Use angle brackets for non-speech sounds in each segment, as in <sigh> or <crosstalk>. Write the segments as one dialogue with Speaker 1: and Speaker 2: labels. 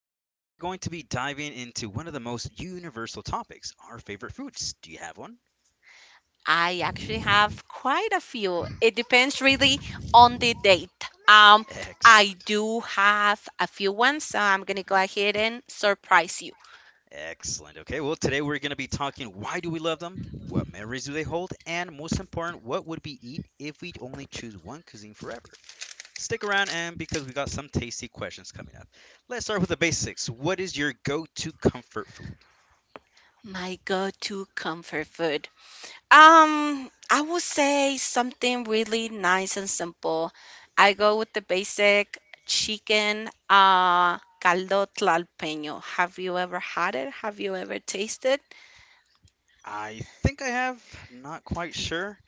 Speaker 1: Today we're going to be diving into one of the most universal topics our favorite foods. Do you have one?
Speaker 2: I actually have quite a few. It depends really on the date. Um, I
Speaker 1: Excellent.
Speaker 2: do have a few ones, so I'm gonna
Speaker 1: Mhm.
Speaker 2: go ahead and surprise you.
Speaker 1: Excellent. Okay, well, today we're going to be talking why do we love them, what memories do they hold, and most important, what would we eat if we only choose one cuisine forever? Stick around, and because we got some tasty questions coming up. Let's start with the basics. What is your go to comfort food?
Speaker 2: My go-to comfort food. I would say something really nice and simple. I go with the basic chicken caldo tlalpeño. Have you ever had it? Have you ever tasted?
Speaker 1: I think I have, not quite sure.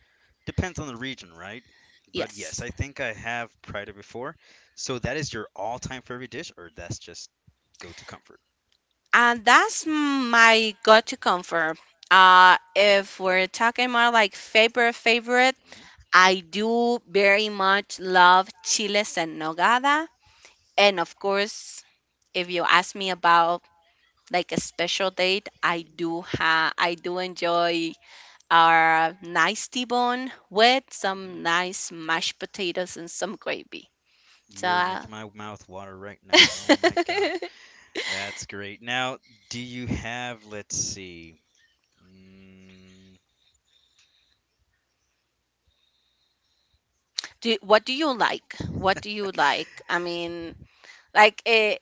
Speaker 1: Depends on the region, right? But yes,
Speaker 2: Yes.
Speaker 1: I think I have tried it before. So that is your all time favorite dish, or that's just go to comfort?
Speaker 2: And that's my go to comfort. If we're talking about like favorite favorite,
Speaker 1: hmm
Speaker 2: I do very much love chiles en nogada. And of course, if you ask me about like a special date,
Speaker 1: hmm
Speaker 2: I do enjoy our nice T-bone with some
Speaker 1: Mm.
Speaker 2: nice mashed potatoes and some gravy. So,
Speaker 1: You're
Speaker 2: <laughs>
Speaker 1: making my mouth water right now. Oh my god. That's great. Now, do you have, let's see. Mm,
Speaker 2: do what do you like?
Speaker 1: <laughs>
Speaker 2: What do
Speaker 1: mhm.
Speaker 2: you like? I mean, like eh,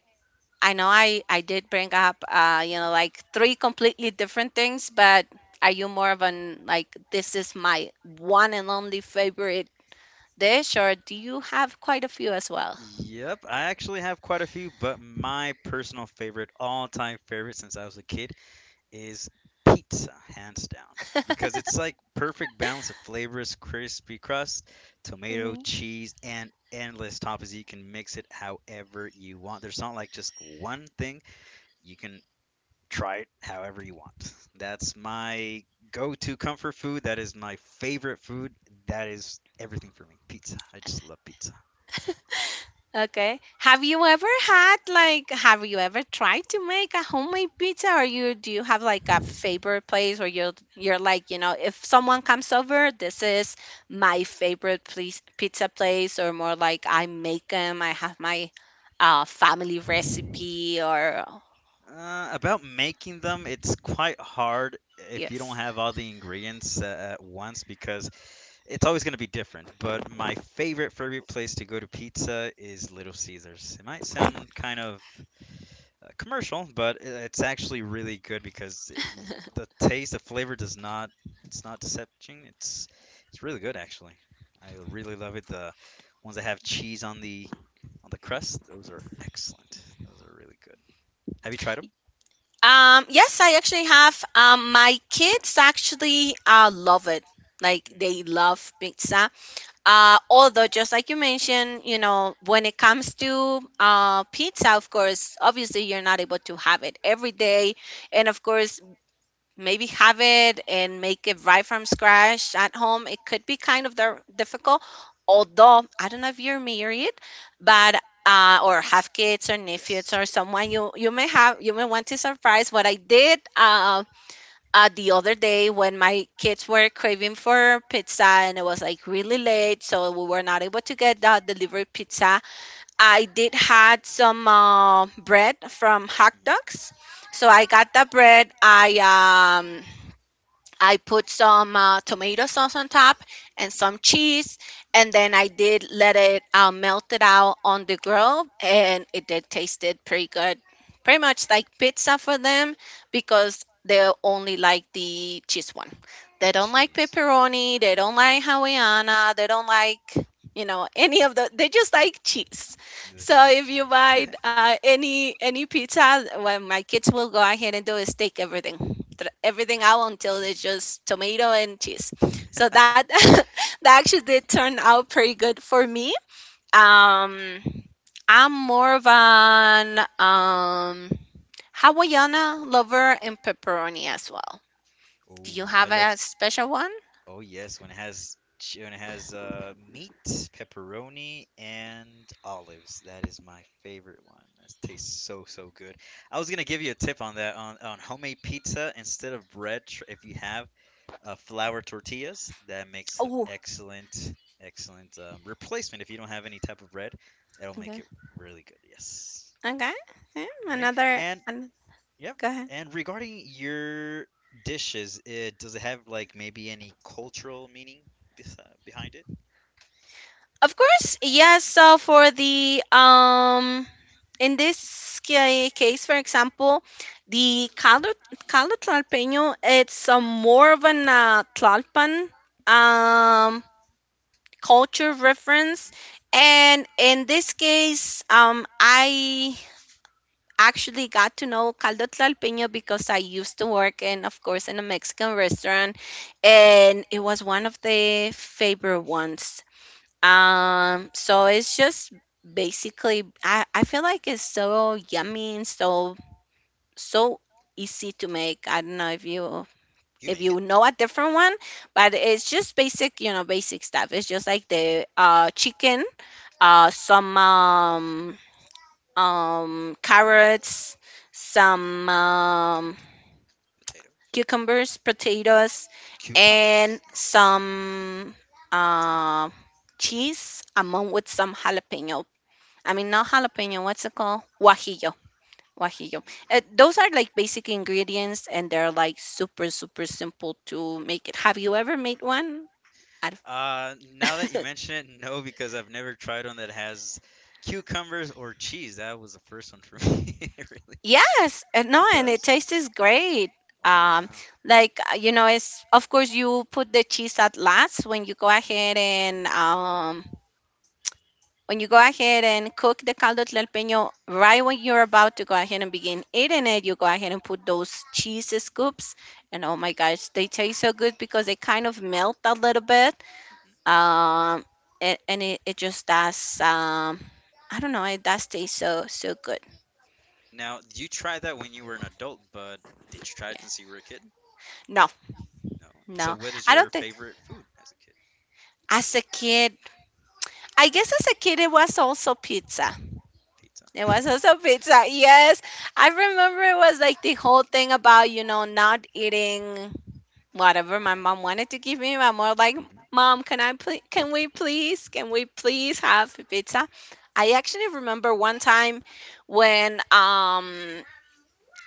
Speaker 2: I know I did bring up you know like three completely different things, but are you more of an like this is my one and only favorite dish, or do you have quite a few as well?
Speaker 1: Yep, I actually have quite a few, but my personal favorite, all-time favorite since I was a kid, is pizza, hands down. Because it's like perfect balance of flavors, crispy crust, tomato, cheese, and endless toppings. You can mix it however you want. There's not like just one thing. You can try it however you want. That's my go to comfort food. That is my favorite food. That is everything for me. Pizza. I just love pizza.
Speaker 2: Okay. Have you ever had like have you ever tried to make a homemade pizza or you do you have like a favorite place where you're like, you know, if someone comes over, this is my favorite place pizza place or more like I make them, I have my family recipe or
Speaker 1: About making them, it's quite hard if you don't
Speaker 2: yes.
Speaker 1: have all the ingredients at once because it's always going to be different. But my favorite place to go to pizza is Little Caesars. It might sound kind of commercial, but it's actually really good because the taste, the flavor does not it's not deception. It's really good actually. I really love it. The ones that have cheese on the crust, those are excellent. Those are really good. Have you tried them?
Speaker 2: Yes, I actually have my kids actually love it. Like
Speaker 1: hmm
Speaker 2: they love pizza. Although, just like you mentioned, you know, when it comes to pizza, of course, obviously you're not able to have it every day. And of course, maybe have it and make it right from scratch at home. It could be kind of difficult.
Speaker 1: hmm
Speaker 2: Although, I don't know if you're married, but or have kids or nephews
Speaker 1: Yes,
Speaker 2: or
Speaker 1: I am.
Speaker 2: someone you may have you may want to surprise. What I did The other day when my kids were craving for pizza and it was like really late, so we were not able to get the delivery pizza. I did had some bread from Hot
Speaker 1: Mhm.
Speaker 2: Dogs, so I got the bread. I put some tomato sauce on top and some cheese, and then I did let it melt it out on the grill, and it did tasted pretty good. Pretty much like pizza for them because they only like the cheese one.
Speaker 1: The
Speaker 2: They don't like
Speaker 1: cheese.
Speaker 2: pepperoni. They don't like Hawaiiana. They don't like
Speaker 1: <laughs>
Speaker 2: you know any of the. They just like cheese.
Speaker 1: And then
Speaker 2: So
Speaker 1: she's like,
Speaker 2: if you buy
Speaker 1: jeez. <laughs>
Speaker 2: any pizza, when my kids will go ahead and do is take everything
Speaker 1: Mm.
Speaker 2: out until it's just tomato and cheese. So that <laughs> that actually did turn out pretty good for me. Um, I'm more of an Hawaiiana lover and pepperoni as well.
Speaker 1: <laughs>
Speaker 2: Do you
Speaker 1: Oh, I
Speaker 2: have
Speaker 1: love.
Speaker 2: a special one?
Speaker 1: Oh yes, when it has when it has meat, pepperoni, and olives. That is my favorite one. That tastes so so good. I was gonna give you a tip on that on homemade pizza instead of bread if you have. Uh, flour tortillas. That makes
Speaker 2: Oh,
Speaker 1: excellent, excellent replacement if you don't have any type of bread. That'll make
Speaker 2: okay.
Speaker 1: it really good. Yes.
Speaker 2: Okay. Yeah,
Speaker 1: All right.
Speaker 2: another,
Speaker 1: And
Speaker 2: an-
Speaker 1: yeah.
Speaker 2: Go ahead.
Speaker 1: And regarding your dishes, it, does it have like maybe any cultural meaning behind it?
Speaker 2: Of course, yes. So for the case, for example, the caldo tlalpeño, it's a more of an Tlalpan um, culture
Speaker 1: hmm
Speaker 2: reference. And in this case, I actually got to know caldo tlalpeño because I used to work in, of course, in a Mexican restaurant, and it was one of the favorite ones. So it's just basically I feel like it's so yummy and so easy to make. I don't know
Speaker 1: You
Speaker 2: if
Speaker 1: make it.
Speaker 2: you know a different one, but it's just basic, you know, basic stuff. It's just like the chicken,
Speaker 1: hmm
Speaker 2: some carrots, some
Speaker 1: Potatoes,
Speaker 2: cucumbers, potatoes, and
Speaker 1: cucumbers. That's one.
Speaker 2: some
Speaker 1: That's a new one.
Speaker 2: uh cheese among with some jalapeno. I mean, not jalapeno. What's it called? Guajillo. Guajillo.
Speaker 1: Guajillo.
Speaker 2: Those are like basic ingredients, and they're like super, super simple to make it. Have you ever made one? I
Speaker 1: Now that you
Speaker 2: don't-
Speaker 1: mention it, no, because I've never tried one that has cucumbers or cheese. That was the first one for me. <laughs> It really,
Speaker 2: <laughs> yes. And no,
Speaker 1: it
Speaker 2: and
Speaker 1: does?
Speaker 2: it tastes great.
Speaker 1: Oh,
Speaker 2: Um,
Speaker 1: wow.
Speaker 2: you know, it's of course you put the cheese at last when you go ahead and cook the caldo tlalpeño, right when you're about to go ahead and begin eating it, you go ahead and put those cheese scoops. And oh my gosh, they taste so good because they kind of melt a little bit.
Speaker 1: hmm hmm
Speaker 2: Um, and it just does, I don't know, it does taste so, so good.
Speaker 1: Now, you tried that when you were an adult, but did you try it
Speaker 2: Yeah.
Speaker 1: since you were a kid?
Speaker 2: No,
Speaker 1: No. So,
Speaker 2: no,
Speaker 1: what is
Speaker 2: I
Speaker 1: your
Speaker 2: don't think
Speaker 1: favorite food as a kid?
Speaker 2: as a kid, I guess as a kid, it was also pizza.
Speaker 1: Pizza.
Speaker 2: It
Speaker 1: <laughs>
Speaker 2: was also pizza. Yes. I remember it was like the whole thing about, you know, not eating whatever my mom wanted to give me. I'm more like,
Speaker 1: hmm
Speaker 2: Mom, can I please, can we please, can we please have pizza? I actually remember one time when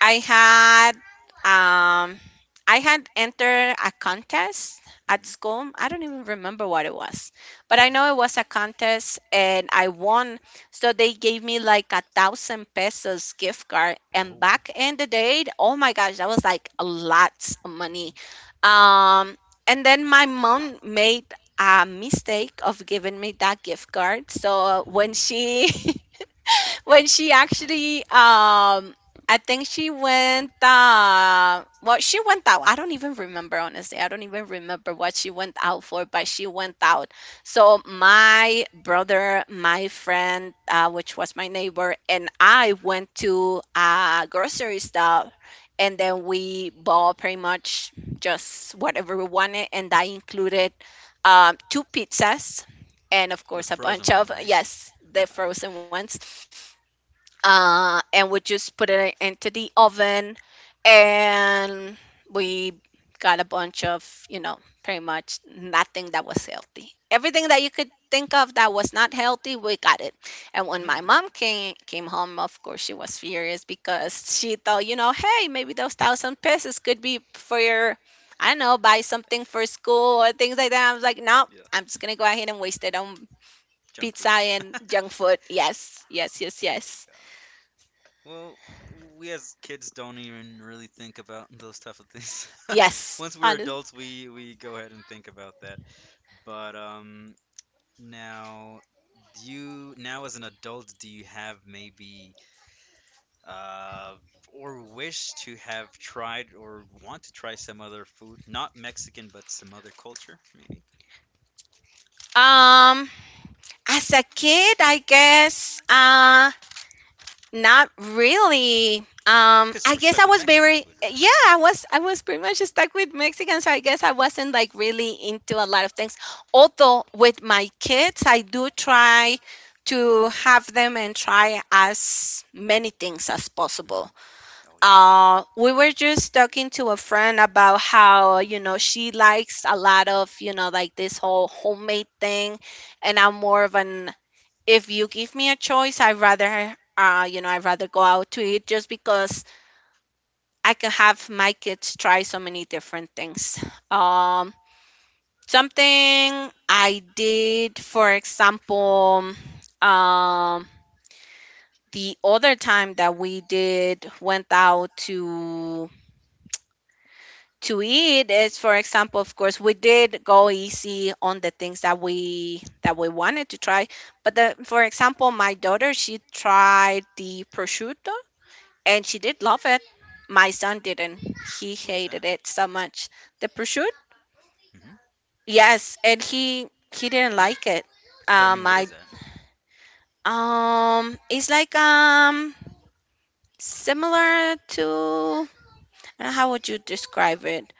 Speaker 2: I had um I had entered a contest at
Speaker 1: hmm
Speaker 2: school. I don't even remember what it was, but I know it was a contest and I won. So they gave me like a thousand pesos gift card.
Speaker 1: Oh
Speaker 2: And
Speaker 1: wow.
Speaker 2: back in the day, oh my gosh, that was like a lot of money. Um, and then my mom made a mistake of giving me that gift card. So when
Speaker 1: Ooh.
Speaker 2: she <laughs> when she actually I think she went well she went out. I don't even remember honestly. I don't even remember what she went out for, but she went out. So my brother, my friend, which was my neighbor, and I went to a grocery store and then we bought pretty much just whatever we wanted and that included two pizzas and of
Speaker 1: Those
Speaker 2: course a
Speaker 1: frozen
Speaker 2: bunch
Speaker 1: one,
Speaker 2: of,
Speaker 1: right?
Speaker 2: yes, the frozen ones,
Speaker 1: <laughs>
Speaker 2: and we just put it into the oven and we got a bunch of, you know, pretty much nothing that was healthy. Everything that you could think of that was not healthy, we got it. And when my mom
Speaker 1: <laughs>
Speaker 2: came home, of course she was furious because she thought, you know, hey, maybe those thousand pesos could be for your, I don't know, buy something for school or things like that. I was like, no,
Speaker 1: yeah.
Speaker 2: I'm just gonna go ahead and waste it on
Speaker 1: Junk
Speaker 2: pizza
Speaker 1: food.
Speaker 2: and junk food. Yes, yes, yes,
Speaker 1: Oh
Speaker 2: yes.
Speaker 1: god. Well, we as kids don't even really think about those type of things. <laughs>
Speaker 2: Yes,
Speaker 1: Once we're
Speaker 2: honest.
Speaker 1: adults, we go ahead and think about that. But now do you now as an adult, do you have maybe uh, or wish to have tried or want to try some other food, not Mexican, but some other culture, maybe?
Speaker 2: Um, as a kid, I guess, not really.
Speaker 1: Because you
Speaker 2: I
Speaker 1: were
Speaker 2: guess I
Speaker 1: stuck with
Speaker 2: was
Speaker 1: Mexican
Speaker 2: very,
Speaker 1: food, right?
Speaker 2: yeah,
Speaker 1: Uh-huh.
Speaker 2: I was pretty much stuck with Mexicans. So I guess I wasn't like really into a lot of things. Although with my kids, I do try to have them and try as many things as possible.
Speaker 1: hmm Oh, yes.
Speaker 2: We were just talking to a friend about how, you know, she likes a lot of, you know, like this whole homemade thing. And I'm more of an, if you give me a choice, I'd rather, you know, I'd rather go out to eat just because I can have my kids try so many different things. Um, Something I did, for example, um, the other time that we did went out to eat is, for example, of course we did go easy on the things that we wanted to try, but
Speaker 1: hmm
Speaker 2: for example, my daughter, she tried the prosciutto and she did love it. My son didn't, he
Speaker 1: What is that?
Speaker 2: hated it so much. The prosciutto,
Speaker 1: hmm
Speaker 2: yes. and He didn't like it.
Speaker 1: But I mean, what
Speaker 2: I
Speaker 1: is that?
Speaker 2: It's like similar to, how would you describe it,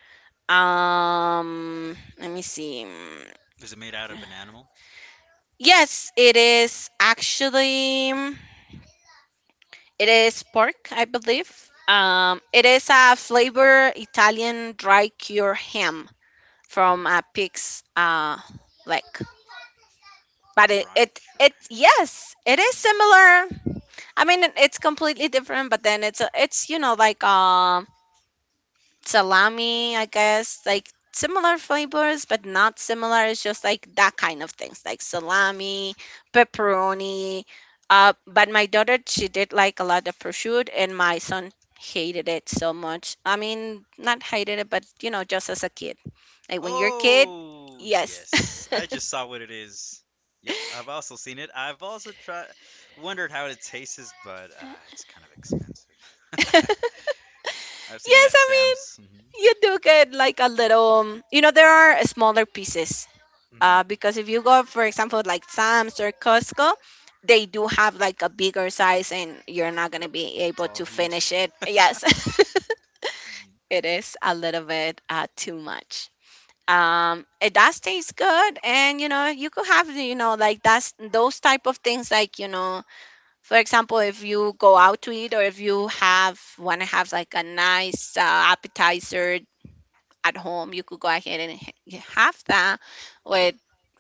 Speaker 2: let me see.
Speaker 1: Is it made out of an animal?
Speaker 2: Yes, it
Speaker 1: Oh,
Speaker 2: is actually, it is pork, I believe. It is a flavor Italian dry cured ham from
Speaker 1: oh,
Speaker 2: a pig's leg. But
Speaker 1: dried cured
Speaker 2: it
Speaker 1: ham.
Speaker 2: yes, it is
Speaker 1: Mm.
Speaker 2: similar. I mean, it's completely different, but then it's you know like salami, I guess, like similar flavors, but not similar. It's just like that kind of things, like salami, pepperoni. But my daughter, she did like a lot of prosciutto, and my son hated it so much. I mean, not hated it, but you know, just as a kid. Like when you're a kid,
Speaker 1: Oh,
Speaker 2: yes.
Speaker 1: yes.
Speaker 2: <laughs>
Speaker 1: I just saw what it is. Yep, I've also seen it. I've also tried, wondered how it tastes, but it's kind of expensive. <laughs> I've seen it
Speaker 2: Yes,
Speaker 1: at
Speaker 2: I mean,
Speaker 1: Sam's.
Speaker 2: you do get like a little, you know, there are smaller pieces.
Speaker 1: hmm hmm
Speaker 2: Because if you go, for example, like Sam's or Costco, they do have like a bigger size and you're not going to
Speaker 1: Yep,
Speaker 2: be
Speaker 1: it's
Speaker 2: able
Speaker 1: all
Speaker 2: to
Speaker 1: huge.
Speaker 2: finish it.
Speaker 1: <laughs>
Speaker 2: Yes, <laughs> it is a little bit too much. It does taste good, and you could have, like, that's those type of things, for example, if you go out to eat, or if you
Speaker 1: Mhm.
Speaker 2: have, want to have like a nice appetizer at home, you could go ahead and you have that with,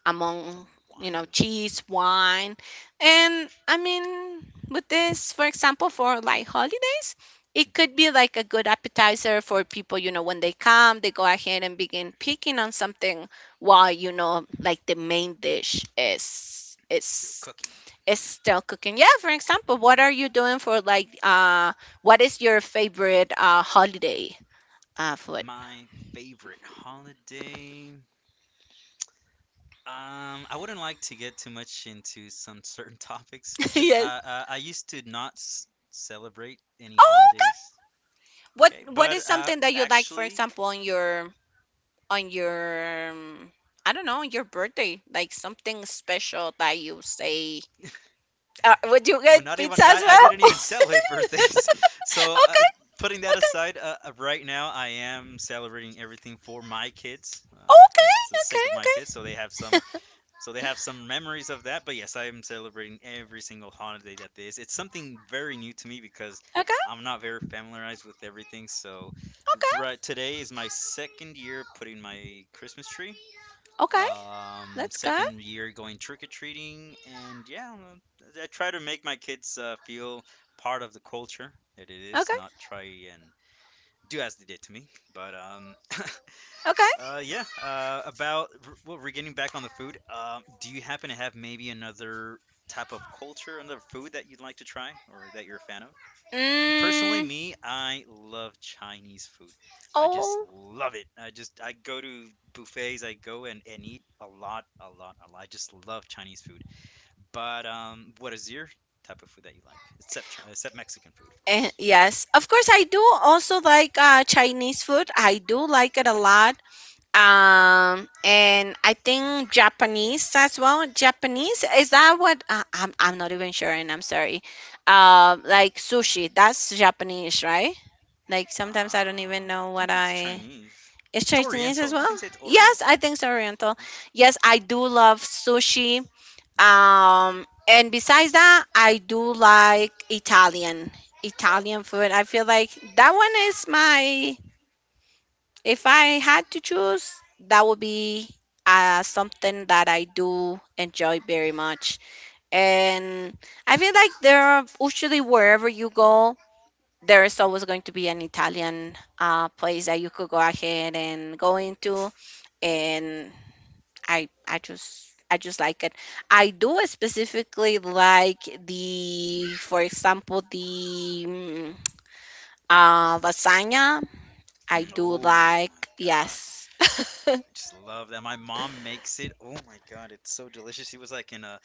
Speaker 2: among,
Speaker 1: Some wine.
Speaker 2: cheese, wine. And I mean, with this, for example, for like holidays, it could
Speaker 1: hmm
Speaker 2: be like a good appetizer for people, when they come they go ahead and begin picking on something while, like, the main dish is
Speaker 1: Still
Speaker 2: is
Speaker 1: cooking.
Speaker 2: is still cooking. Yeah, for example, what are you doing for like what is your favorite holiday
Speaker 1: Mm.
Speaker 2: food?
Speaker 1: My favorite holiday. I wouldn't like to get too much into some certain <laughs> topics
Speaker 2: <laughs>
Speaker 1: because
Speaker 2: Yes.
Speaker 1: I I used to not celebrate any
Speaker 2: Oh.
Speaker 1: holidays.
Speaker 2: What
Speaker 1: Okay,
Speaker 2: what is
Speaker 1: but
Speaker 2: something that you like, for
Speaker 1: actually,
Speaker 2: example, on your on your um, I don't know, on your birthday, like something special that you say. Would you
Speaker 1: well,
Speaker 2: get
Speaker 1: not even
Speaker 2: pizza
Speaker 1: I,
Speaker 2: as
Speaker 1: I
Speaker 2: well?
Speaker 1: didn't
Speaker 2: <laughs>
Speaker 1: even celebrate birthdays. <laughs> So
Speaker 2: Okay,
Speaker 1: putting that
Speaker 2: okay,
Speaker 1: aside, right now I am celebrating everything for my kids,
Speaker 2: okay,
Speaker 1: for the sake of my kids,
Speaker 2: okay,
Speaker 1: so they have some So they have some memories of that, but yes, I am celebrating every single holiday that there is. It's something very new to me because
Speaker 2: okay,
Speaker 1: I'm
Speaker 2: okay,
Speaker 1: not very familiarized with everything. So right, today is my second year putting my Christmas tree.
Speaker 2: okay, okay. Let's go.
Speaker 1: Second year going trick or treating, and yeah, I try to make my kids feel part of the culture that it is,
Speaker 2: Okay,
Speaker 1: not try and do as they did to me. But
Speaker 2: okay.
Speaker 1: Yeah. About well, we're getting back on the food. Do you happen to have maybe another type of culture, another food that you'd like to try or that you're a fan of? Personally,
Speaker 2: Mm,
Speaker 1: me, I love Chinese food. I just
Speaker 2: oh,
Speaker 1: love it. I just I go to buffets. I go and eat a lot, a lot, a lot. I just love Chinese food. But what is your type of food that you like, except except Mexican food, of course?
Speaker 2: yes. Of course, I do also like Chinese food. I do like it a lot. And I think Japanese as well. Japanese, is that what, I'm not even sure, and I'm sorry. Like sushi, that's Japanese, right? Like sometimes I don't even
Speaker 1: I
Speaker 2: know what
Speaker 1: think it's
Speaker 2: I,
Speaker 1: Chinese.
Speaker 2: is
Speaker 1: It's
Speaker 2: Chinese as
Speaker 1: Oriental. You
Speaker 2: well.
Speaker 1: can say it's
Speaker 2: Yes,
Speaker 1: Oriental.
Speaker 2: I think it's Oriental.
Speaker 1: Hmm?
Speaker 2: Yes, I do love sushi.
Speaker 1: hmm
Speaker 2: And besides that, I do like Italian. Italian
Speaker 1: Talon.
Speaker 2: food, I feel like that one is my, if I had to choose, that would be something that I do enjoy very much. And I feel like there are usually, wherever you go, there is always going to be an Italian place that you could go ahead and go into. And I just, I just like it. I do specifically like the, for example, the lasagna. I
Speaker 1: Mm,
Speaker 2: do
Speaker 1: oh my
Speaker 2: like,
Speaker 1: god.
Speaker 2: yes.
Speaker 1: I
Speaker 2: <laughs>
Speaker 1: just love that. My mom makes it. Oh my god, it's so delicious. He was like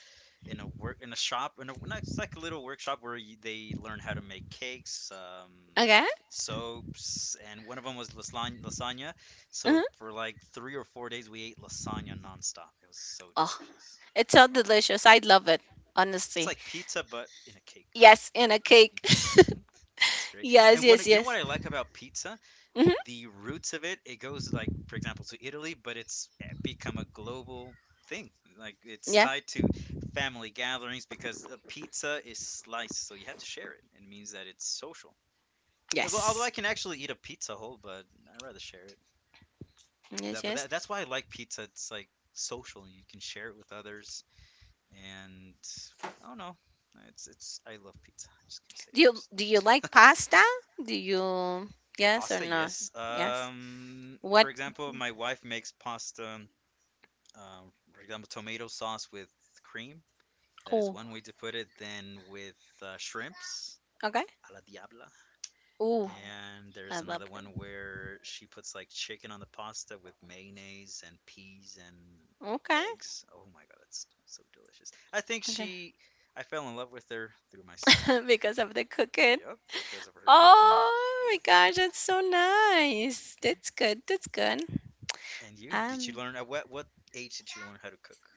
Speaker 1: in a work in a shop in a not it's like a little workshop where you, they learn how to make cakes,
Speaker 2: Okay.
Speaker 1: soaps, and one of them was lasagna, lasagna. So
Speaker 2: Hmm.
Speaker 1: for like three or four days, we ate lasagna nonstop. It was so
Speaker 2: Oh,
Speaker 1: delicious.
Speaker 2: it's so
Speaker 1: Oh my
Speaker 2: delicious. I love
Speaker 1: god,
Speaker 2: it,
Speaker 1: it's
Speaker 2: honestly.
Speaker 1: like pizza but in a cake.
Speaker 2: Yes, in a cake.
Speaker 1: hmm That's
Speaker 2: <laughs>
Speaker 1: great.
Speaker 2: Yes,
Speaker 1: And one,
Speaker 2: yes,
Speaker 1: you know
Speaker 2: yes.
Speaker 1: what I like about pizza?
Speaker 2: Hmm.
Speaker 1: The roots of it, it goes like, for example, to Italy, but it's become a global thing. Like it's
Speaker 2: Yeah.
Speaker 1: tied to family gatherings because a pizza is sliced, so you have to share it. It means that it's social. Although, although
Speaker 2: Yes.
Speaker 1: I can actually eat a pizza whole, but I rather share it.
Speaker 2: Yes,
Speaker 1: That, but
Speaker 2: yes.
Speaker 1: that, that's why I like pizza. It's like social. You can share it with others, and I don't know. It's it's. I love pizza. I just can say
Speaker 2: Do
Speaker 1: that. I
Speaker 2: you
Speaker 1: just love
Speaker 2: do you like
Speaker 1: pizza.
Speaker 2: pasta? Do
Speaker 1: <laughs>
Speaker 2: you, yes or
Speaker 1: Pasta,
Speaker 2: not?
Speaker 1: yes.
Speaker 2: Yes.
Speaker 1: Um,
Speaker 2: What?
Speaker 1: for example, my wife makes pasta, uh, for example, tomato sauce with cream. That is
Speaker 2: Oh,
Speaker 1: one way to put it. Then with shrimps,
Speaker 2: okay.
Speaker 1: a la diabla.
Speaker 2: Oh,
Speaker 1: And
Speaker 2: I
Speaker 1: there's
Speaker 2: love
Speaker 1: another
Speaker 2: it.
Speaker 1: one where she puts like chicken on the pasta with mayonnaise and peas and
Speaker 2: Okay.
Speaker 1: eggs. Oh my God, that's so delicious.
Speaker 2: Okay.
Speaker 1: I fell in love with her through my stomach.
Speaker 2: <laughs> Because of the cooking.
Speaker 1: Yep, because of her cooking.
Speaker 2: Oh my gosh, that's so nice.
Speaker 1: Yep.
Speaker 2: That's good. That's good.
Speaker 1: And you? Did you
Speaker 2: Um.
Speaker 1: learn at what age did you learn how to cook?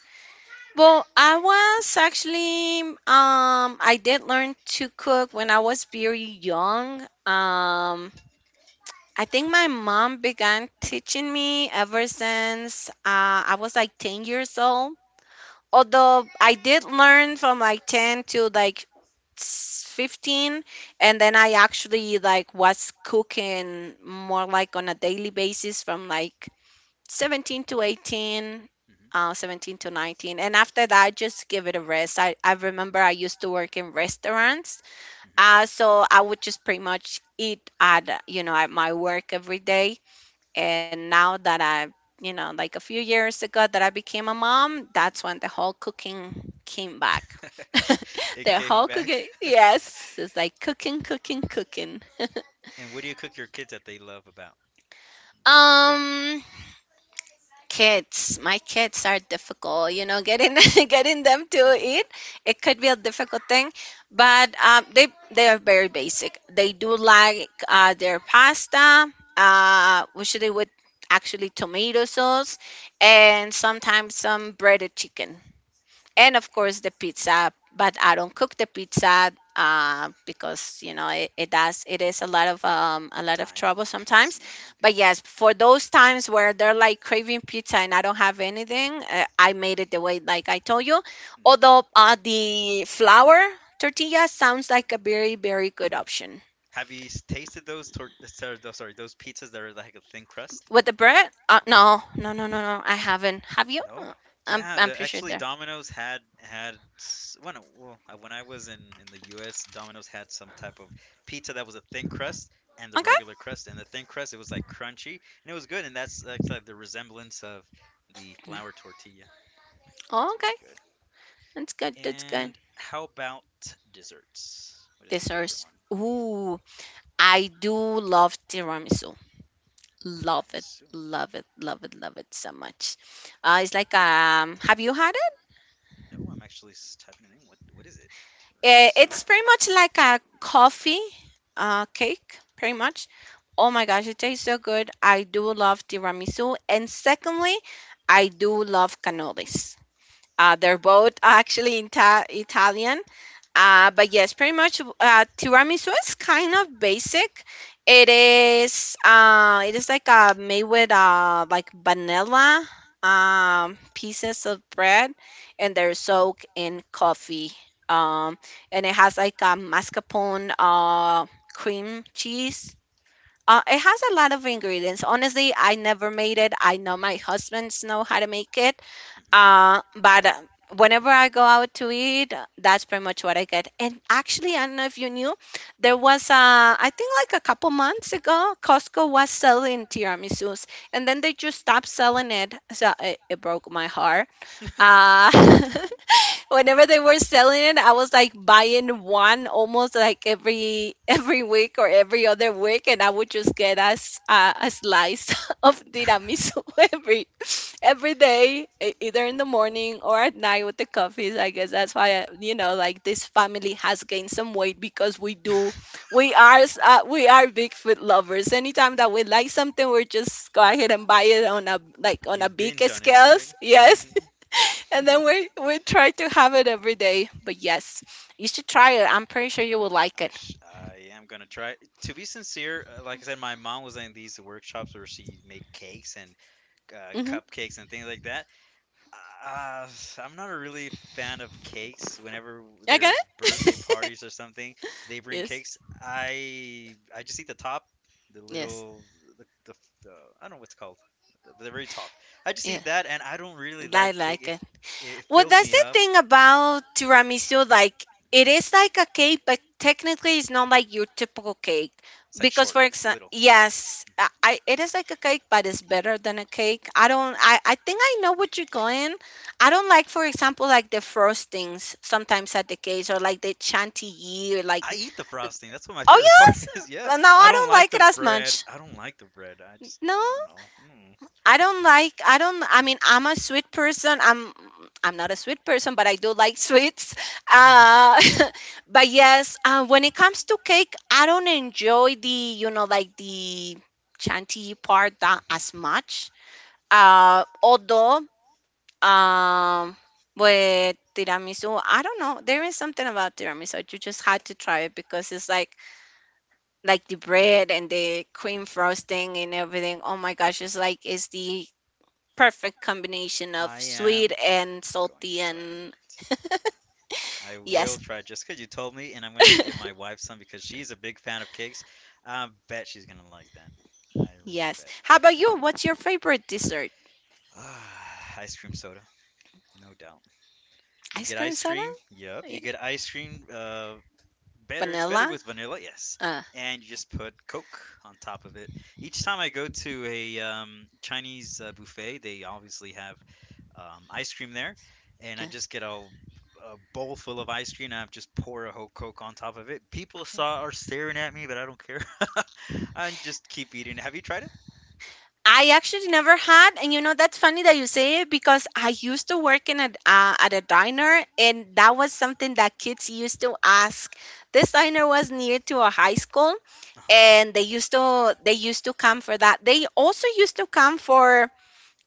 Speaker 2: Well, I was actually, I did learn to cook when I was very young. I think my mom began teaching me ever since I was like 10 years old. Although I did learn from like 10 to like 15, and then I actually, like, was cooking more like on a daily basis from like 17 to 18, 17 to 19. And after that, I just give it a rest. I remember I used to work in restaurants,
Speaker 1: hmm hmm
Speaker 2: so I would just pretty much eat at, at my work every day. And now that I, like, a few years ago that I became a mom, that's when the whole cooking came back.
Speaker 1: <laughs>
Speaker 2: <laughs>
Speaker 1: It
Speaker 2: The
Speaker 1: came
Speaker 2: whole
Speaker 1: back.
Speaker 2: cooking, yes, it's like cooking, cooking, cooking. <laughs>
Speaker 1: And what do you cook your kids that they love about your favorite food?
Speaker 2: um Kids, my kids are difficult, you know, getting <laughs> getting them to
Speaker 1: hmm
Speaker 2: eat, it could be a difficult thing. But they, are very basic. They do like their pasta, usually with, actually, tomato sauce, and sometimes some breaded chicken. And of course the pizza, but I don't cook the pizza, because, you know, it does, it is a lot of
Speaker 1: Time
Speaker 2: trouble sometimes.
Speaker 1: consuming.
Speaker 2: But yes, for those times where they're like craving pizza and I don't have anything, I made it the way like I told you.
Speaker 1: Mhm, mhm.
Speaker 2: Although, the flour tortilla sounds like a very, very good option.
Speaker 1: Have you tasted those sorry, those sorry, those pizzas that are like a thin crust?
Speaker 2: With the bread, no, no, no, no, no, I haven't. Have you?
Speaker 1: No? Yeah,
Speaker 2: I'm pretty sure
Speaker 1: actually,
Speaker 2: there.
Speaker 1: Domino's had had when I was in the US, Domino's had some type of pizza that was a thin crust and the
Speaker 2: Okay.
Speaker 1: regular crust, and the thin crust it was like crunchy and it was good, and that's like the resemblance of the flour tortilla.
Speaker 2: Oh,
Speaker 1: That's
Speaker 2: okay.
Speaker 1: very good.
Speaker 2: That's good. That's good.
Speaker 1: And how about desserts? What is your favorite
Speaker 2: Desserts.
Speaker 1: one?
Speaker 2: Ooh, I do love tiramisu. Love it,
Speaker 1: Tiramisu.
Speaker 2: love it, love it, love it so much. It's like have you had it?
Speaker 1: No, I'm actually typing it in. What is it? Tiramisu.
Speaker 2: It's pretty much like a coffee cake, pretty much. Oh my gosh, it tastes so good. I do love tiramisu, and secondly, I do love cannolis. They're both actually Italian. But yes, pretty much, tiramisu is kind of basic. It is, it is like, made with, like vanilla, pieces of bread, and they're soaked in coffee. Um, and it has like a mascarpone cream cheese. It has a lot of ingredients. Honestly, I never made it. I know my husbands know how to make it,
Speaker 1: Mhm.
Speaker 2: but whenever I go out to eat, that's pretty much what I get. And actually, I don't know if you knew, there was, I think like a couple months ago, Costco was selling tiramisus, and then they just stopped selling it. So it broke my heart. Uh, <laughs> Whenever they were selling it, I was like buying one almost like every <laughs> every week or every other week, and I would just get us a slice <laughs> of
Speaker 1: <laughs>
Speaker 2: tiramisu <laughs> every every day, either in the morning or at night with the coffees. I guess that's why I, you know, like, this family has gained some weight, because we do, we are we are big food lovers. Anytime that we like something, we just go ahead and buy it on a, like on
Speaker 1: You
Speaker 2: a big
Speaker 1: binge on it, right?
Speaker 2: scales.
Speaker 1: <laughs>
Speaker 2: Yes, and then we try to have it every day. But yes, you should try it. I'm pretty sure you will like it.
Speaker 1: I am gonna try. To be sincere, like I said, my mom was in these workshops where she made cakes and
Speaker 2: Mm-hmm.
Speaker 1: cupcakes and things like that. Uh, I'm not a really fan of cakes. Whenever
Speaker 2: Okay.
Speaker 1: there's birthday parties or something, they
Speaker 2: <laughs>
Speaker 1: bring
Speaker 2: Yes.
Speaker 1: cakes. I just eat the top, the
Speaker 2: Yes.
Speaker 1: little the, the, the I don't know what's called, the very top. I just
Speaker 2: Yeah.
Speaker 1: eat that, and I don't really
Speaker 2: I
Speaker 1: like cake.
Speaker 2: like
Speaker 1: If
Speaker 2: it.
Speaker 1: it
Speaker 2: Well,
Speaker 1: fills
Speaker 2: that's
Speaker 1: me
Speaker 2: the
Speaker 1: up,
Speaker 2: thing about tiramisu. Like, it is like a cake, but technically, it's not like your typical cake.
Speaker 1: it's like
Speaker 2: Because,
Speaker 1: short,
Speaker 2: for
Speaker 1: it's
Speaker 2: example,
Speaker 1: little.
Speaker 2: yes,
Speaker 1: Mhm.
Speaker 2: it is like a cake, but it's better than a cake. I don't. I think I know what you're going. I don't like, for example, like the frostings sometimes at the cakes, or like the chantilly, or like.
Speaker 1: I eat the frosting. That's what my
Speaker 2: Oh
Speaker 1: favorite part
Speaker 2: yes.
Speaker 1: <laughs> is. Yeah,
Speaker 2: Well, no,
Speaker 1: I
Speaker 2: I
Speaker 1: don't
Speaker 2: don't
Speaker 1: like
Speaker 2: like it
Speaker 1: the
Speaker 2: as
Speaker 1: bread.
Speaker 2: much.
Speaker 1: I don't like the bread. I just
Speaker 2: No.
Speaker 1: I don't know. Mm.
Speaker 2: I don't like, I don't, I mean, I'm a sweet person. I'm not a sweet person, but I do like sweets. Uh,
Speaker 1: <laughs>
Speaker 2: <laughs> but yes, when it comes to cake, I don't enjoy the, you know, like the chantilly part that
Speaker 1: Mhm.
Speaker 2: as much. Although, um, with tiramisu, I don't know. There is something about tiramisu. You just had to try it, because it's like the bread and the cream frosting and everything. Oh my gosh, it's like, it's the perfect combination of
Speaker 1: I
Speaker 2: sweet
Speaker 1: am
Speaker 2: and
Speaker 1: going to
Speaker 2: salty
Speaker 1: try
Speaker 2: and
Speaker 1: it. I will
Speaker 2: yes.
Speaker 1: try it just because you told me, and I'm gonna give my
Speaker 2: <laughs>
Speaker 1: wife some because she's a big fan of cakes. I bet she's gonna like that. I really
Speaker 2: Yes.
Speaker 1: bet.
Speaker 2: How
Speaker 1: <sighs>
Speaker 2: about you? What's your favorite dessert?
Speaker 1: Ah, ice cream soda, no doubt. You
Speaker 2: Ice
Speaker 1: get
Speaker 2: cream
Speaker 1: ice
Speaker 2: soda?
Speaker 1: cream. Yep, you
Speaker 2: Yeah.
Speaker 1: get ice cream. Better it's better
Speaker 2: Vanilla?
Speaker 1: with vanilla, yes.
Speaker 2: Uh,
Speaker 1: And you just put coke on top of it. Each time I go to a Chinese buffet, they obviously have ice cream there, and I
Speaker 2: yeah.
Speaker 1: just get a bowl full of ice cream and I just pour a whole coke on top of it. People saw are staring at me, but I don't care. <laughs> I just keep eating. Have you tried it?
Speaker 2: I actually never had, and you know that's funny that you say it, because I used to work in a, at a diner, and that was something that kids used to ask. This diner was near to a high school,
Speaker 1: Uh-huh.
Speaker 2: and they used to come for that. They also used to come for,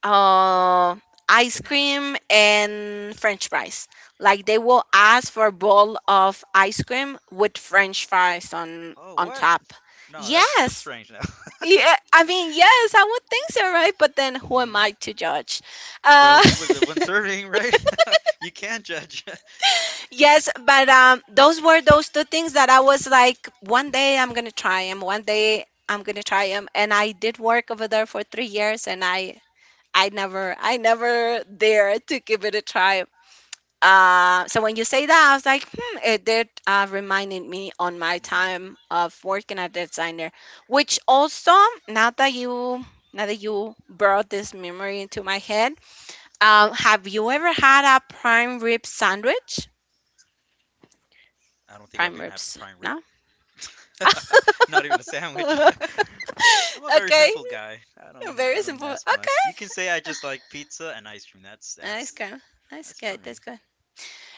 Speaker 2: uh, ice
Speaker 1: Banana
Speaker 2: cream
Speaker 1: splits.
Speaker 2: and french fries. Like, they
Speaker 1: Oh.
Speaker 2: will ask for a bowl of ice cream with french fries on
Speaker 1: Oh
Speaker 2: on
Speaker 1: what?
Speaker 2: top.
Speaker 1: No, that's kind of
Speaker 2: Yes.
Speaker 1: strange now.
Speaker 2: Yeah, I mean, yes, I would think so, right? But then who am
Speaker 1: Hmm.
Speaker 2: I to judge? Uh,
Speaker 1: Well, you were the one serving, right? <laughs> You can't judge. <laughs>
Speaker 2: <laughs> yes, but those were those two things that I was like, one day I'm gonna try them, one day I'm gonna try them. And I did work over there for 3 years, and I never, I never dared to give it a try. So when you say that, I was like, hmm, it did, reminded me on my
Speaker 1: Hmm.
Speaker 2: time of working at the designer, which also, now that you, now that you brought this memory into my head, have you ever had a prime rib sandwich?
Speaker 1: I don't think I've
Speaker 2: Prime
Speaker 1: even have
Speaker 2: ribs,
Speaker 1: a prime rib.
Speaker 2: no?
Speaker 1: <laughs> Not even a sandwich.
Speaker 2: <laughs>
Speaker 1: <laughs> I'm a very
Speaker 2: Okay,
Speaker 1: simple guy. I don't
Speaker 2: very
Speaker 1: I don't
Speaker 2: simple.
Speaker 1: ask much. You
Speaker 2: Okay,
Speaker 1: can say I just like pizza and ice cream. That's
Speaker 2: that's
Speaker 1: that's
Speaker 2: good. That's
Speaker 1: that's for
Speaker 2: good. That's
Speaker 1: me.
Speaker 2: good.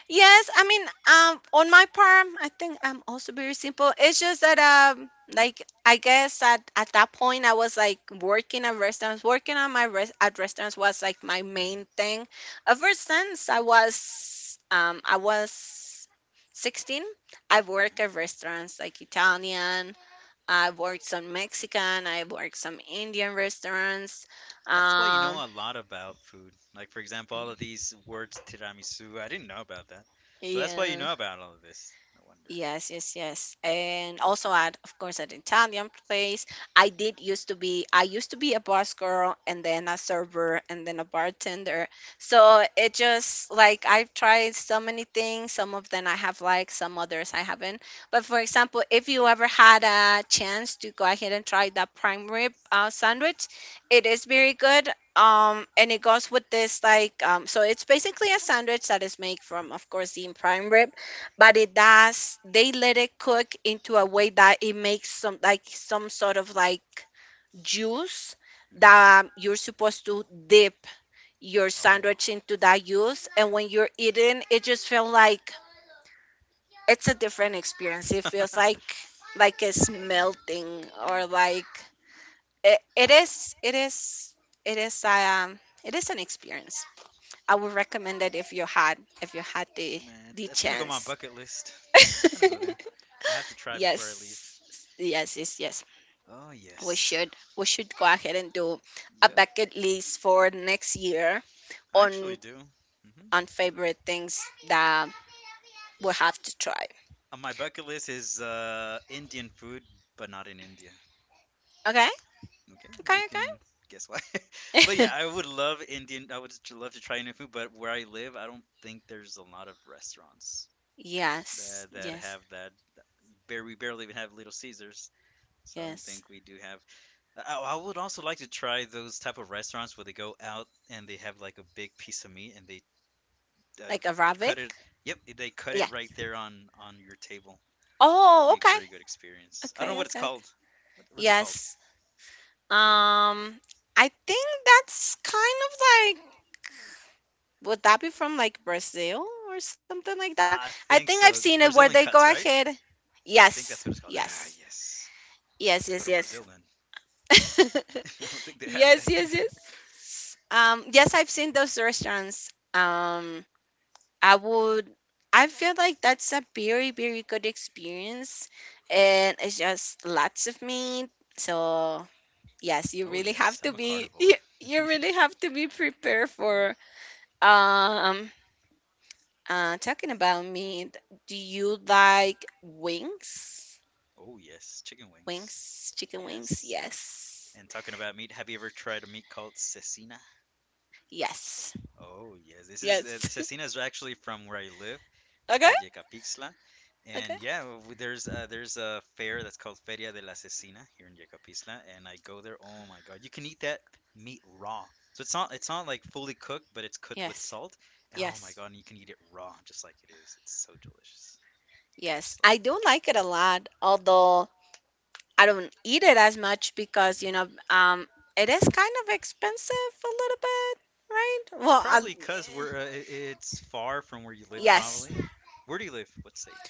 Speaker 2: Yes, I mean, on my part, I think I'm also very simple. It's just that, like, I guess at that point, I was like working at restaurants. Working on my at restaurants was like my
Speaker 1: Hmm.
Speaker 2: main thing. Ever since I was 16, I've worked at restaurants like Italian. I've worked some Mexican. I've worked some Indian restaurants.
Speaker 1: That's why you
Speaker 2: Um,
Speaker 1: know a lot about food. Like for example, all of these words, tiramisu, I didn't know about that. So that's why you
Speaker 2: yeah.
Speaker 1: know about all of this. No wonder.
Speaker 2: Yes, yes, yes. And also at, of course, at Italian place. I used to be a bus girl, and then a server, and then a bartender. So it just like, I've tried so many things. Some of them I have liked, some others I haven't. But for example, if you ever had a chance to go ahead and try that prime rib sandwich, it is very good. And it goes with this like so it's basically a sandwich that is made
Speaker 1: Uh-huh.
Speaker 2: from, of course, the prime rib, but it does, they let it cook into a way that it makes some like some sort of like juice
Speaker 1: Hmm.
Speaker 2: that you're supposed to dip your
Speaker 1: Oh,
Speaker 2: sandwich into that juice, and when you're eating, it just feels like, it's a different experience,
Speaker 1: like
Speaker 2: it
Speaker 1: heaven.
Speaker 2: feels
Speaker 1: <laughs>
Speaker 2: like
Speaker 1: Like
Speaker 2: it's
Speaker 1: heaven.
Speaker 2: melting, or
Speaker 1: Oh,
Speaker 2: like, it, it is it is it is, it is an experience, I would recommend it, if you had, if you had
Speaker 1: man,
Speaker 2: the
Speaker 1: that's gonna go on my
Speaker 2: chance.
Speaker 1: bucket list. That's gonna go there.
Speaker 2: <laughs>
Speaker 1: I have to try before I leave.
Speaker 2: Yes, yes, yes, yes.
Speaker 1: Oh,
Speaker 2: We
Speaker 1: yes.
Speaker 2: should we should go ahead and do a
Speaker 1: Yep.
Speaker 2: bucket list for next year
Speaker 1: I actually
Speaker 2: on
Speaker 1: do. Hmm.
Speaker 2: on favorite things that we have to try.
Speaker 1: On my bucket list is Indian food, but not in India.
Speaker 2: Okay,
Speaker 1: Okay,
Speaker 2: okay,
Speaker 1: you can guess why. <laughs> But
Speaker 2: okay.
Speaker 1: yeah, I would love Indian. I would love to try Indian food, but where I live, I don't think there's a lot of restaurants
Speaker 2: <laughs> Yes,
Speaker 1: that
Speaker 2: yes,
Speaker 1: have that. Bare we barely even have Little Caesars, so I don't
Speaker 2: yes.
Speaker 1: think we do have. I would also like to try those type of restaurants where they go out and they have like a big piece of meat and they uh,
Speaker 2: Like
Speaker 1: cut
Speaker 2: Arabic.
Speaker 1: it. Yep, they cut
Speaker 2: Yeah.
Speaker 1: it right there on your table. That would
Speaker 2: Oh,
Speaker 1: be a
Speaker 2: okay,
Speaker 1: very good experience. I don't know
Speaker 2: okay,
Speaker 1: what it's
Speaker 2: okay, okay.
Speaker 1: called. What's it called?
Speaker 2: Yes.
Speaker 1: Do you know?
Speaker 2: Um, I think that's kind of like, would that be from like Brazil or something like that?
Speaker 1: I
Speaker 2: I
Speaker 1: think
Speaker 2: think I've
Speaker 1: so.
Speaker 2: seen it where
Speaker 1: Brazilian
Speaker 2: they
Speaker 1: cuts,
Speaker 2: go
Speaker 1: right?
Speaker 2: ahead.
Speaker 1: I think that's
Speaker 2: Yes,
Speaker 1: what it's called. Ah,
Speaker 2: yes,
Speaker 1: yes. I have
Speaker 2: yes,
Speaker 1: to go
Speaker 2: yes,
Speaker 1: to
Speaker 2: yes.
Speaker 1: Brazil then.
Speaker 2: <laughs>
Speaker 1: <laughs> I don't think they have that
Speaker 2: Yes, yes,
Speaker 1: here. <laughs>
Speaker 2: yes. Yes, I've seen those restaurants. I would, I feel like that's a very, very good experience, and it's just lots of meat. So yes, you
Speaker 1: Oh,
Speaker 2: really
Speaker 1: yes.
Speaker 2: have to
Speaker 1: I'm a
Speaker 2: be, <laughs>
Speaker 1: carnivore.
Speaker 2: you,
Speaker 1: <laughs>
Speaker 2: you really have to be prepared for, um talking about meat, do you like wings?
Speaker 1: Oh, yes. Chicken wings.
Speaker 2: Wings, chicken wings?
Speaker 1: Yes.
Speaker 2: Yes.
Speaker 1: And talking about meat, have you ever tried a meat called cecina?
Speaker 2: Yes.
Speaker 1: Oh yes, this is
Speaker 2: Yes. <laughs>
Speaker 1: Cecina is actually from where I live. It's
Speaker 2: Okay.
Speaker 1: called Yecapixtla,
Speaker 2: Okay.
Speaker 1: and yeah, there's a fair that's called Feria de la Cecina here in Yecapixtla, and I go there. Oh my God, you can eat that meat raw. So it's not like fully cooked, but it's cooked with
Speaker 2: Yes.
Speaker 1: salt. Oh my
Speaker 2: Yes.
Speaker 1: God, and you can eat it raw, just like it is. It's so delicious. I
Speaker 2: Yes.
Speaker 1: just love
Speaker 2: I
Speaker 1: it.
Speaker 2: do like it a lot, although I don't eat it as much because,
Speaker 1: Hmm.
Speaker 2: you know, it is kind of expensive a little bit, right?
Speaker 1: It's
Speaker 2: Well, I,
Speaker 1: probably 'cause we're it's far from where you live,
Speaker 2: yes.
Speaker 1: probably. Where do you live? What state?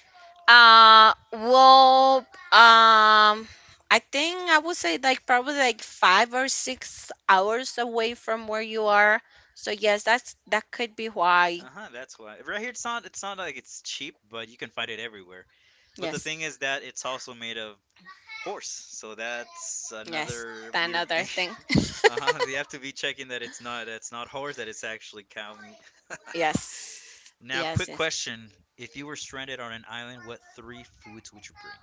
Speaker 2: Well, I think I would say like probably like 5 or 6 hours away from where you are. So yes, that's, that could be why.
Speaker 1: Uh huh. That's why. Right here, it's not. It's not like it's cheap, but you can find it everywhere. But the
Speaker 2: Yes,
Speaker 1: thing is that it's also made of horse, so that's
Speaker 2: yes,
Speaker 1: another weird
Speaker 2: another
Speaker 1: thing.
Speaker 2: thing. <laughs>
Speaker 1: <laughs> Uh-huh. You have to be checking that it's not. It's not horse. That it's actually cow meat.
Speaker 2: Yes,
Speaker 1: Now,
Speaker 2: yes,
Speaker 1: quick
Speaker 2: yes.
Speaker 1: question: if you were stranded on an island, what three foods would you bring?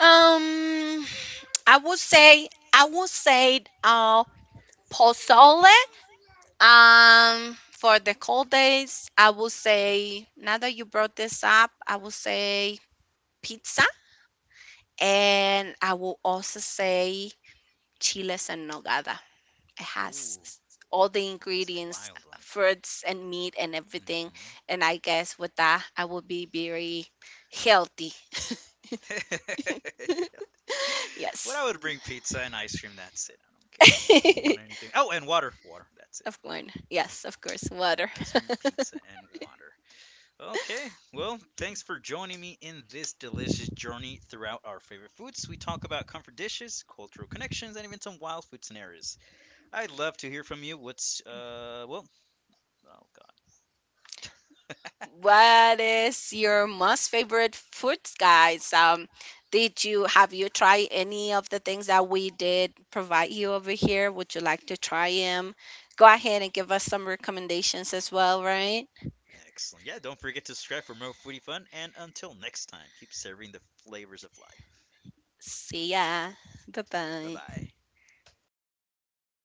Speaker 2: Um, I would say, I would say pozole. For the cold days, I would say, now that you brought this up, I would say pizza. And I will also say chiles en nogada. It has
Speaker 1: Ooh,
Speaker 2: all the
Speaker 1: that's a
Speaker 2: ingredients,
Speaker 1: wild one.
Speaker 2: fruits and meat and everything. And I guess with that, I will be very healthy. <laughs>
Speaker 1: Hmm. <laughs> What I
Speaker 2: Yes.
Speaker 1: would bring, pizza and ice cream. That's it. I don't care.
Speaker 2: <laughs>
Speaker 1: I don't want anything. Oh, and water. Water. That's it.
Speaker 2: Of course. Yes, of course. Water.
Speaker 1: Ice cream, pizza, and water. Okay, well, thanks for joining me in this delicious journey throughout our favorite foods. We talk about comfort dishes, cultural connections, and even some wild food scenarios. I'd love to hear from you. What's, well, oh god.
Speaker 2: What is your most favorite food, guys? Did you, have you tried any of the things that we did provide you over here? Would you like to try them? Go ahead and give us some recommendations as well, right?
Speaker 1: Excellent. Yeah, don't forget to subscribe for more foodie fun, and until next time, keep serving the flavors of life.
Speaker 2: See ya. Bye
Speaker 1: Bye
Speaker 2: bye.
Speaker 1: bye.